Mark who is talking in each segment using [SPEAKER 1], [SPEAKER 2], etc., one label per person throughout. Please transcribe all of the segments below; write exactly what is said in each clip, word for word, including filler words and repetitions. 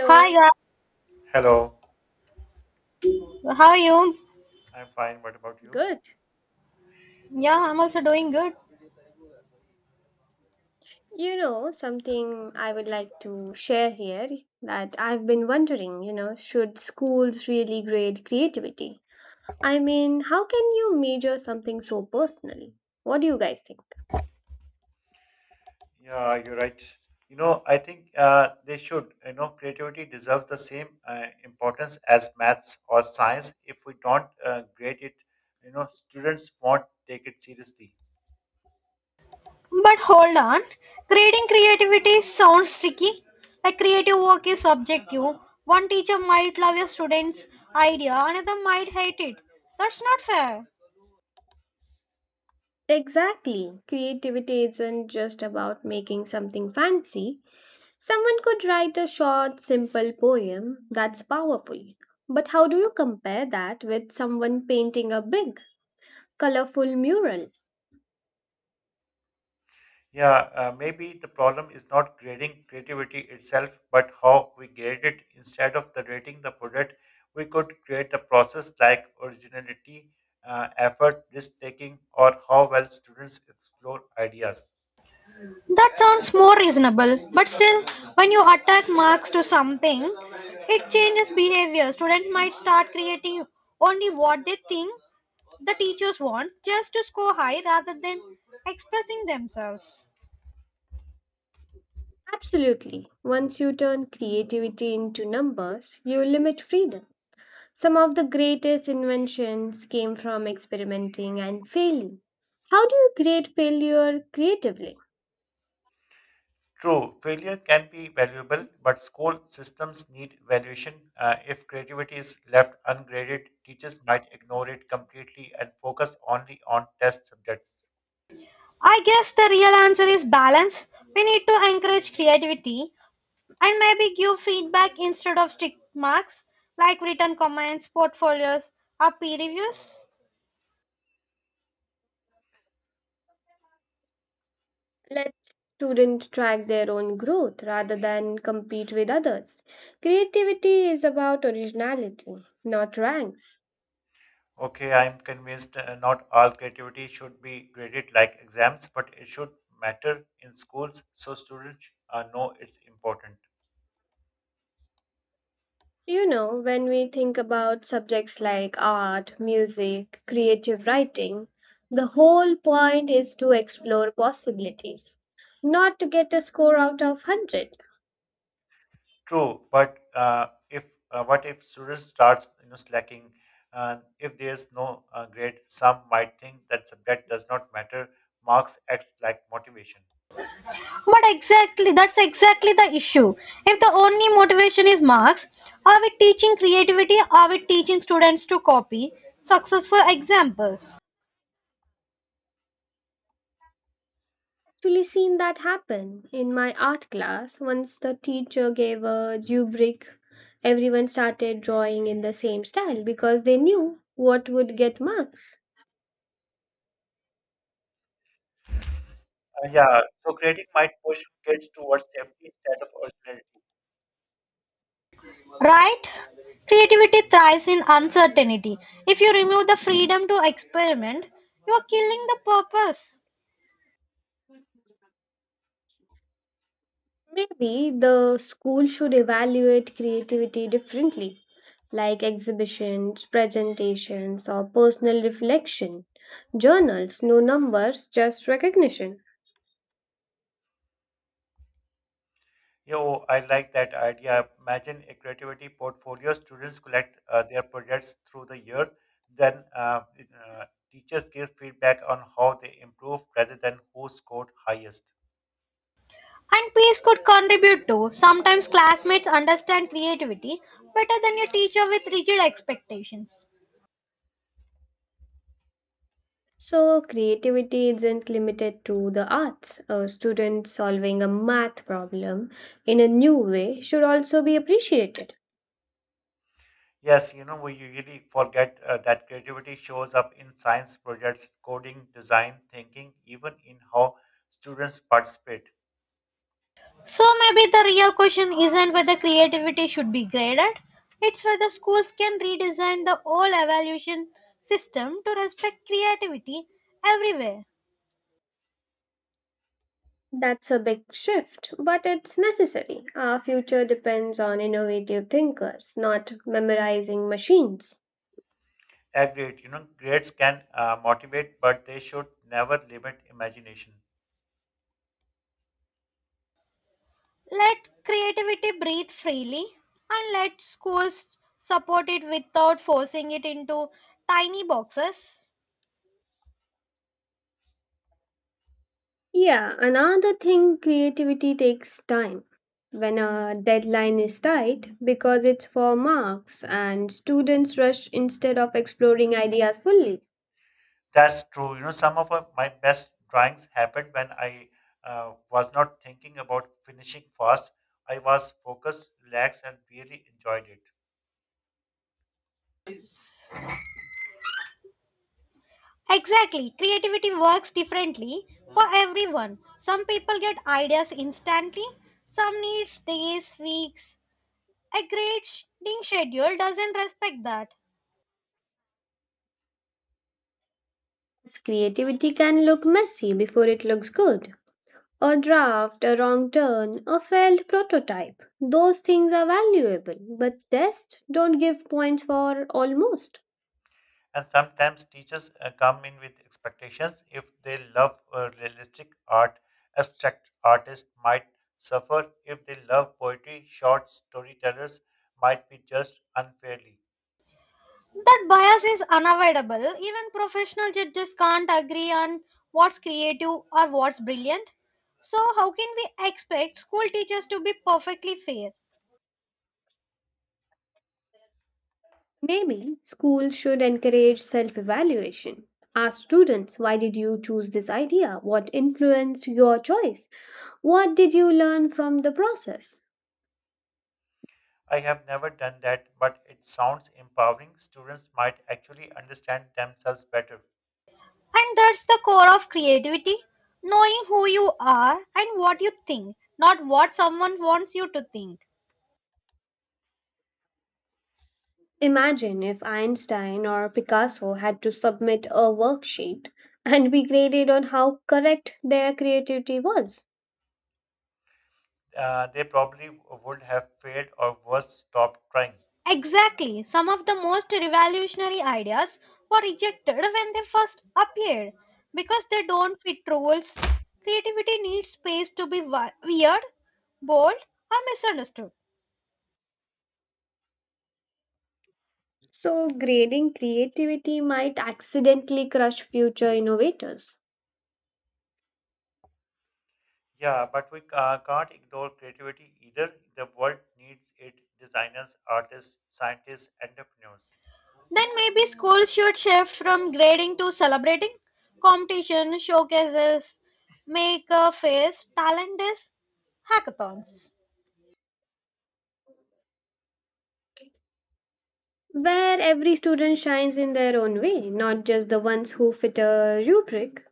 [SPEAKER 1] Hi, guys.
[SPEAKER 2] Hello,
[SPEAKER 1] How are you?
[SPEAKER 2] I'm fine. What about you?
[SPEAKER 3] Good.
[SPEAKER 1] Yeah, I'm also doing good.
[SPEAKER 3] You know, something I would like to share here that I've been wondering, you know, should schools really grade creativity? I mean, how can you measure something so personal? What do you guys think?
[SPEAKER 2] Yeah, you're right. You know, I think uh, they should. You know, creativity deserves the same uh, importance as maths or science. If we don't uh, grade it, you know, students won't take it seriously.
[SPEAKER 1] But hold on. Grading creativity sounds tricky. Like, creative work is subjective. One teacher might love your student's idea, another might hate it. That's not fair.
[SPEAKER 3] Exactly. Creativity isn't just about making something fancy. Someone could write a short, simple poem that's powerful. But how do you compare that with someone painting a big, colorful mural?
[SPEAKER 2] Yeah, uh, maybe the problem is not grading creativity itself, but how we grade it. Instead of the rating the product, we could create the process like originality, uh, effort, risk taking, or how well students explore ideas.
[SPEAKER 1] That sounds more reasonable. But still, when you attack marks to something, it changes behavior. Students might start creating only what they think the teachers want just to score high rather than expressing themselves.
[SPEAKER 3] Absolutely. Once you turn creativity into numbers, you limit freedom. Some of the greatest inventions came from experimenting and failing. How do you create failure creatively?
[SPEAKER 2] True, failure can be valuable, but school systems need evaluation. Uh, if creativity is left ungraded, teachers might ignore it completely and focus only on test subjects.
[SPEAKER 1] I guess the real answer is balance. We need to encourage creativity and maybe give feedback instead of strict marks, like written comments, portfolios, or peer reviews.
[SPEAKER 3] Let students track their own growth rather than compete with others. Creativity is about originality, not ranks.
[SPEAKER 2] Okay, I'm convinced, uh, not all creativity should be graded like exams, but it should matter in schools so students uh, know it's important.
[SPEAKER 3] You know, when we think about subjects like art, music, creative writing, the whole point is to explore possibilities, not to get a score out of one hundred.
[SPEAKER 2] True, but uh, if uh, what if student starts, you know, slacking? Uh, if there is no uh, grade, some might think that subject does not matter. Marks acts like motivation.
[SPEAKER 1] But exactly, that's exactly the issue. If the only motivation is marks, are we teaching creativity? Are we teaching students to copy successful examples?
[SPEAKER 3] Actually seen that happen in my art class once the teacher gave a due break, everyone started drawing in the same style because they knew what would get marks.
[SPEAKER 2] Uh, yeah, so grading might push kids towards safety instead of originality.
[SPEAKER 1] Right? Creativity thrives in uncertainty. If you remove the freedom to experiment, you are killing the purpose.
[SPEAKER 3] Maybe the school should evaluate creativity differently, like exhibitions, presentations, or personal reflection. Journals, no numbers, just recognition.
[SPEAKER 2] Yo, I like that idea. Imagine a creativity portfolio. Students collect uh, their projects through the year, then uh, it, uh, teachers give feedback on how they improve rather than who scored highest.
[SPEAKER 1] And peace could contribute too. Sometimes classmates understand creativity better than your teacher with rigid expectations.
[SPEAKER 3] So, creativity isn't limited to the arts. A student solving a math problem in a new way should also be appreciated.
[SPEAKER 2] Yes, you know, we usually forget uh, that creativity shows up in science projects, coding, design, thinking, even in how students participate.
[SPEAKER 1] So maybe the real question isn't whether creativity should be graded, it's whether schools can redesign the whole evaluation system to respect creativity everywhere.
[SPEAKER 3] That's a big shift, but it's necessary. Our future depends on innovative thinkers, not memorizing machines.
[SPEAKER 2] Agreed, you know, grades can uh, motivate, but they should never limit imagination.
[SPEAKER 1] Let creativity breathe freely and let schools support it without forcing it into tiny boxes.
[SPEAKER 3] Yeah, another thing, creativity takes time when a deadline is tight because it's for marks and students rush instead of exploring ideas fully.
[SPEAKER 2] That's true. You know, some of uh, my best drawings happened when I uh, was not thinking about finishing fast. I was focused, relaxed, and really enjoyed it.
[SPEAKER 1] Exactly. Creativity works differently for everyone. Some people get ideas instantly, some need days, weeks. A great reading schedule doesn't respect that.
[SPEAKER 3] Creativity can look messy before it looks good. A draft, a wrong turn, a failed prototype. Those things are valuable, but tests don't give points for almost.
[SPEAKER 2] And sometimes teachers uh, come in with expectations. If they love uh, realistic art, abstract artists might suffer. If they love poetry, short storytellers might be judged unfairly.
[SPEAKER 1] That bias is unavoidable. Even professional judges can't agree on what's creative or what's brilliant. So, how can we expect school teachers to be perfectly fair?
[SPEAKER 3] Maybe schools should encourage self evaluation. Ask students, why did you choose this idea? What influenced your choice? What did you learn from the process?
[SPEAKER 2] I have never done that, but it sounds empowering. Students might actually understand themselves better.
[SPEAKER 1] And that's the core of creativity, knowing who you are and what you think, not what someone wants you to think.
[SPEAKER 3] Imagine if Einstein or Picasso had to submit a worksheet and be graded on how correct their creativity was.
[SPEAKER 2] Uh, they probably would have failed, or worse, stopped trying.
[SPEAKER 1] Exactly. Some of the most revolutionary ideas were rejected when they first appeared because they don't fit rules. Creativity needs space to be wi- weird, bold, or misunderstood.
[SPEAKER 3] So, grading creativity might accidentally crush future innovators.
[SPEAKER 2] Yeah, but we ca- can't ignore creativity either. The world needs it: designers, artists, scientists, entrepreneurs.
[SPEAKER 1] Then maybe schools should shift from grading to celebrating. Competition, showcases, make a face, talent days, hackathons.
[SPEAKER 3] Where every student shines in their own way, not just the ones who fit a rubric.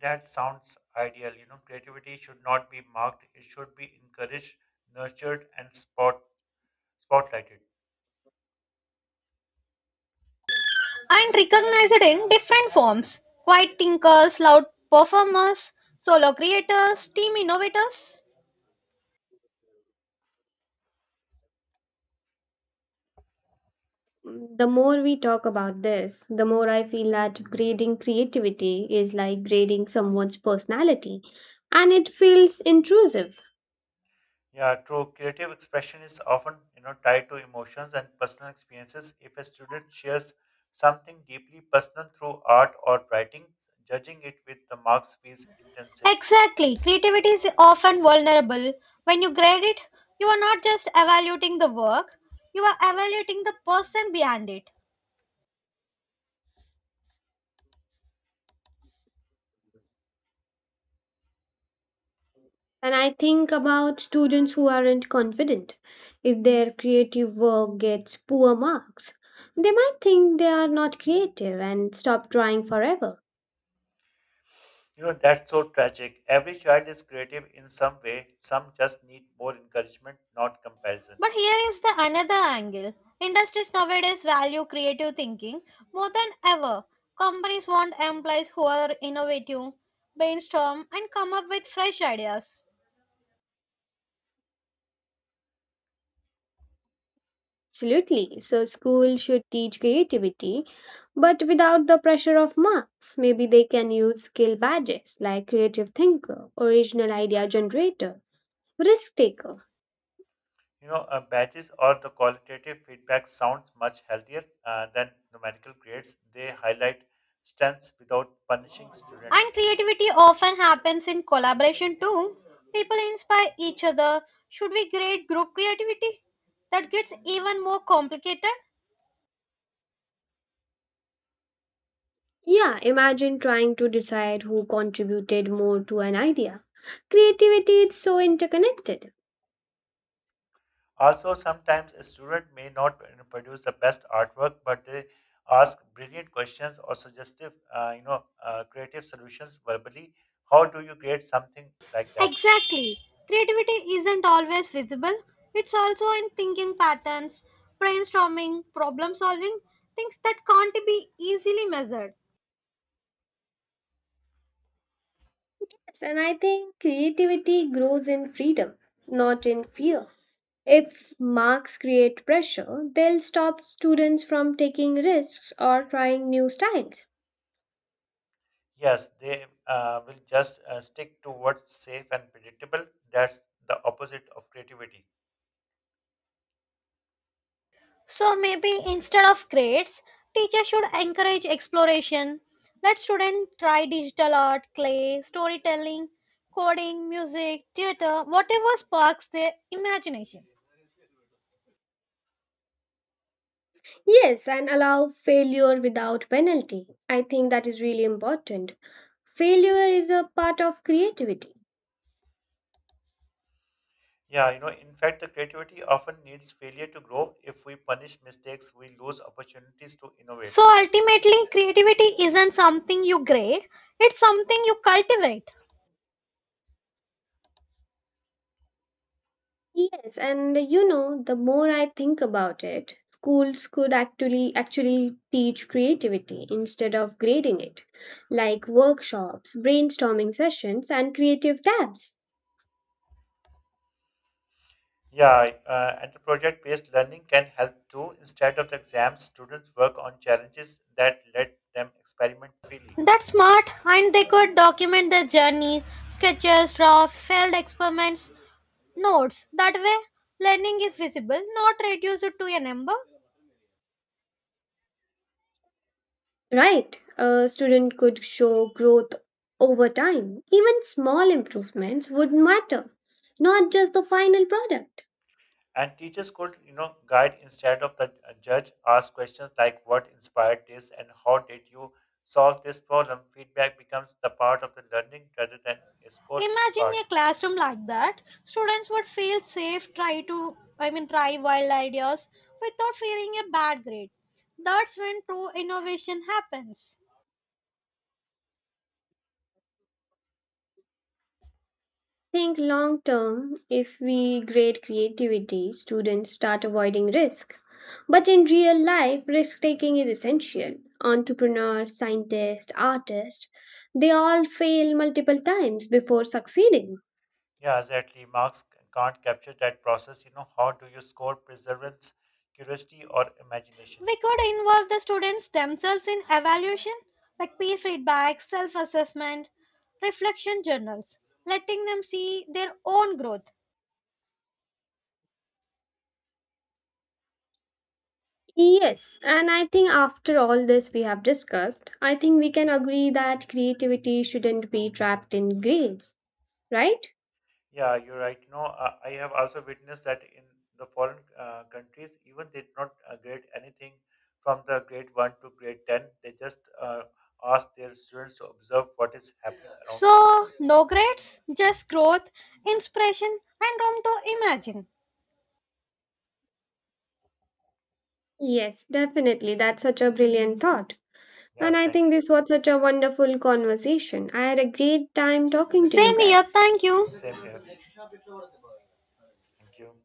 [SPEAKER 2] That sounds ideal. You know, creativity should not be marked, it should be encouraged, nurtured, and spot, spotlighted.
[SPEAKER 1] And recognize it in different forms. Quiet thinkers, loud performers, solo creators, team innovators.
[SPEAKER 3] The more we talk about this, the more I feel that grading creativity is like grading someone's personality, and it feels intrusive.
[SPEAKER 2] Yeah, true. Creative expression is often, you know, tied to emotions and personal experiences. If a student shares something deeply personal through art or writing, judging it with the marks feels intensive.
[SPEAKER 1] Exactly. Creativity is often vulnerable. When you grade it, you are not just evaluating the work, you are evaluating the person behind it.
[SPEAKER 3] And I think about students who aren't confident. If their creative work gets poor marks, they might think they are not creative and stop trying forever.
[SPEAKER 2] You know, that's so tragic. Every child is creative in some way. Some just need more encouragement, not comparison.
[SPEAKER 1] But here is the another angle. Industries nowadays value creative thinking more than ever. Companies want employees who are innovative, brainstorm, and come up with fresh ideas.
[SPEAKER 3] Absolutely. So school should teach creativity, but without the pressure of marks. Maybe they can use skill badges like creative thinker, original idea generator, risk taker.
[SPEAKER 2] You know, uh, badges or the qualitative feedback sounds much healthier uh, than numerical grades. They highlight strengths without punishing
[SPEAKER 1] And
[SPEAKER 2] students.
[SPEAKER 1] creativity often happens in collaboration too. People inspire each other. Should we grade group creativity? That gets even more complicated.
[SPEAKER 3] Yeah, imagine trying to decide who contributed more to an idea. Creativity is so interconnected.
[SPEAKER 2] Also, sometimes a student may not, you know, produce the best artwork, but they ask brilliant questions or suggestive, uh, you know, uh, creative solutions verbally. How do you create something like that?
[SPEAKER 1] Exactly. Creativity isn't always visible, it's also in thinking patterns, brainstorming, problem solving, things that can't be easily measured.
[SPEAKER 3] Yes, and I think creativity grows in freedom, not in fear. If marks create pressure, they'll stop students from taking risks or trying new styles.
[SPEAKER 2] Yes, they uh, will just uh, stick to what's safe and predictable. That's the opposite of creativity.
[SPEAKER 1] So maybe instead of grades, teachers should encourage exploration. Let students try digital art, clay, storytelling, coding, music, theater, whatever sparks their imagination.
[SPEAKER 3] Yes, and allow failure without penalty. I think that is really important. Failure is a part of creativity.
[SPEAKER 2] Yeah, you know, in fact, the creativity often needs failure to grow. If we punish mistakes, we lose opportunities to innovate.
[SPEAKER 1] So ultimately, creativity isn't something you grade, it's something you cultivate.
[SPEAKER 3] Yes, and you know, the more I think about it, schools could actually actually teach creativity instead of grading it, like workshops, brainstorming sessions, and creative tabs.
[SPEAKER 2] Yeah, uh, and the project based learning can help too. Instead of the exams, students work on challenges that let them experiment freely.
[SPEAKER 1] That's smart, and they could document their journey, sketches, drafts, failed experiments, notes. That way, learning is visible, not reduced to a number.
[SPEAKER 3] Right, a student could show growth over time. Even small improvements would matter, not just the final product.
[SPEAKER 2] And teachers could, you know, guide instead of the uh, judge, ask questions like what inspired this and how did you solve this problem? Feedback becomes the part of the learning rather than a
[SPEAKER 1] Imagine
[SPEAKER 2] scorecard.
[SPEAKER 1] a classroom like that. Students would feel safe, try to, I mean, try wild ideas without fearing a bad grade. That's when true innovation happens.
[SPEAKER 3] Think long term, if we grade creativity, students start avoiding risk. But in real life, risk taking is essential. Entrepreneurs, scientists, artists, they all fail multiple times before succeeding.
[SPEAKER 2] Yeah, exactly. Marks can't capture that process. You know, how do you score perseverance, curiosity, or imagination?
[SPEAKER 1] We could involve the students themselves in evaluation, like peer feedback, self assessment, reflection journals, letting them see their own growth.
[SPEAKER 3] Yes, and I think after all this we have discussed, I think we can agree that creativity shouldn't be trapped in grades, right?
[SPEAKER 2] Yeah, you're right. No, uh, I have also witnessed that in the foreign uh, countries, even they did not uh, grade anything from the grade one to grade ten. They just uh, ask their students to observe what is happening around them.
[SPEAKER 1] So, no grades, just growth, inspiration, and room to imagine.
[SPEAKER 3] Yes, definitely. That's such a brilliant thought.
[SPEAKER 2] Yeah,
[SPEAKER 3] And I
[SPEAKER 2] thank.
[SPEAKER 3] think this was such a wonderful conversation. I had a great time talking to you
[SPEAKER 1] Same here,
[SPEAKER 3] guys.
[SPEAKER 1] thank
[SPEAKER 2] Yeah,
[SPEAKER 1] you.
[SPEAKER 2] same here. Thank you.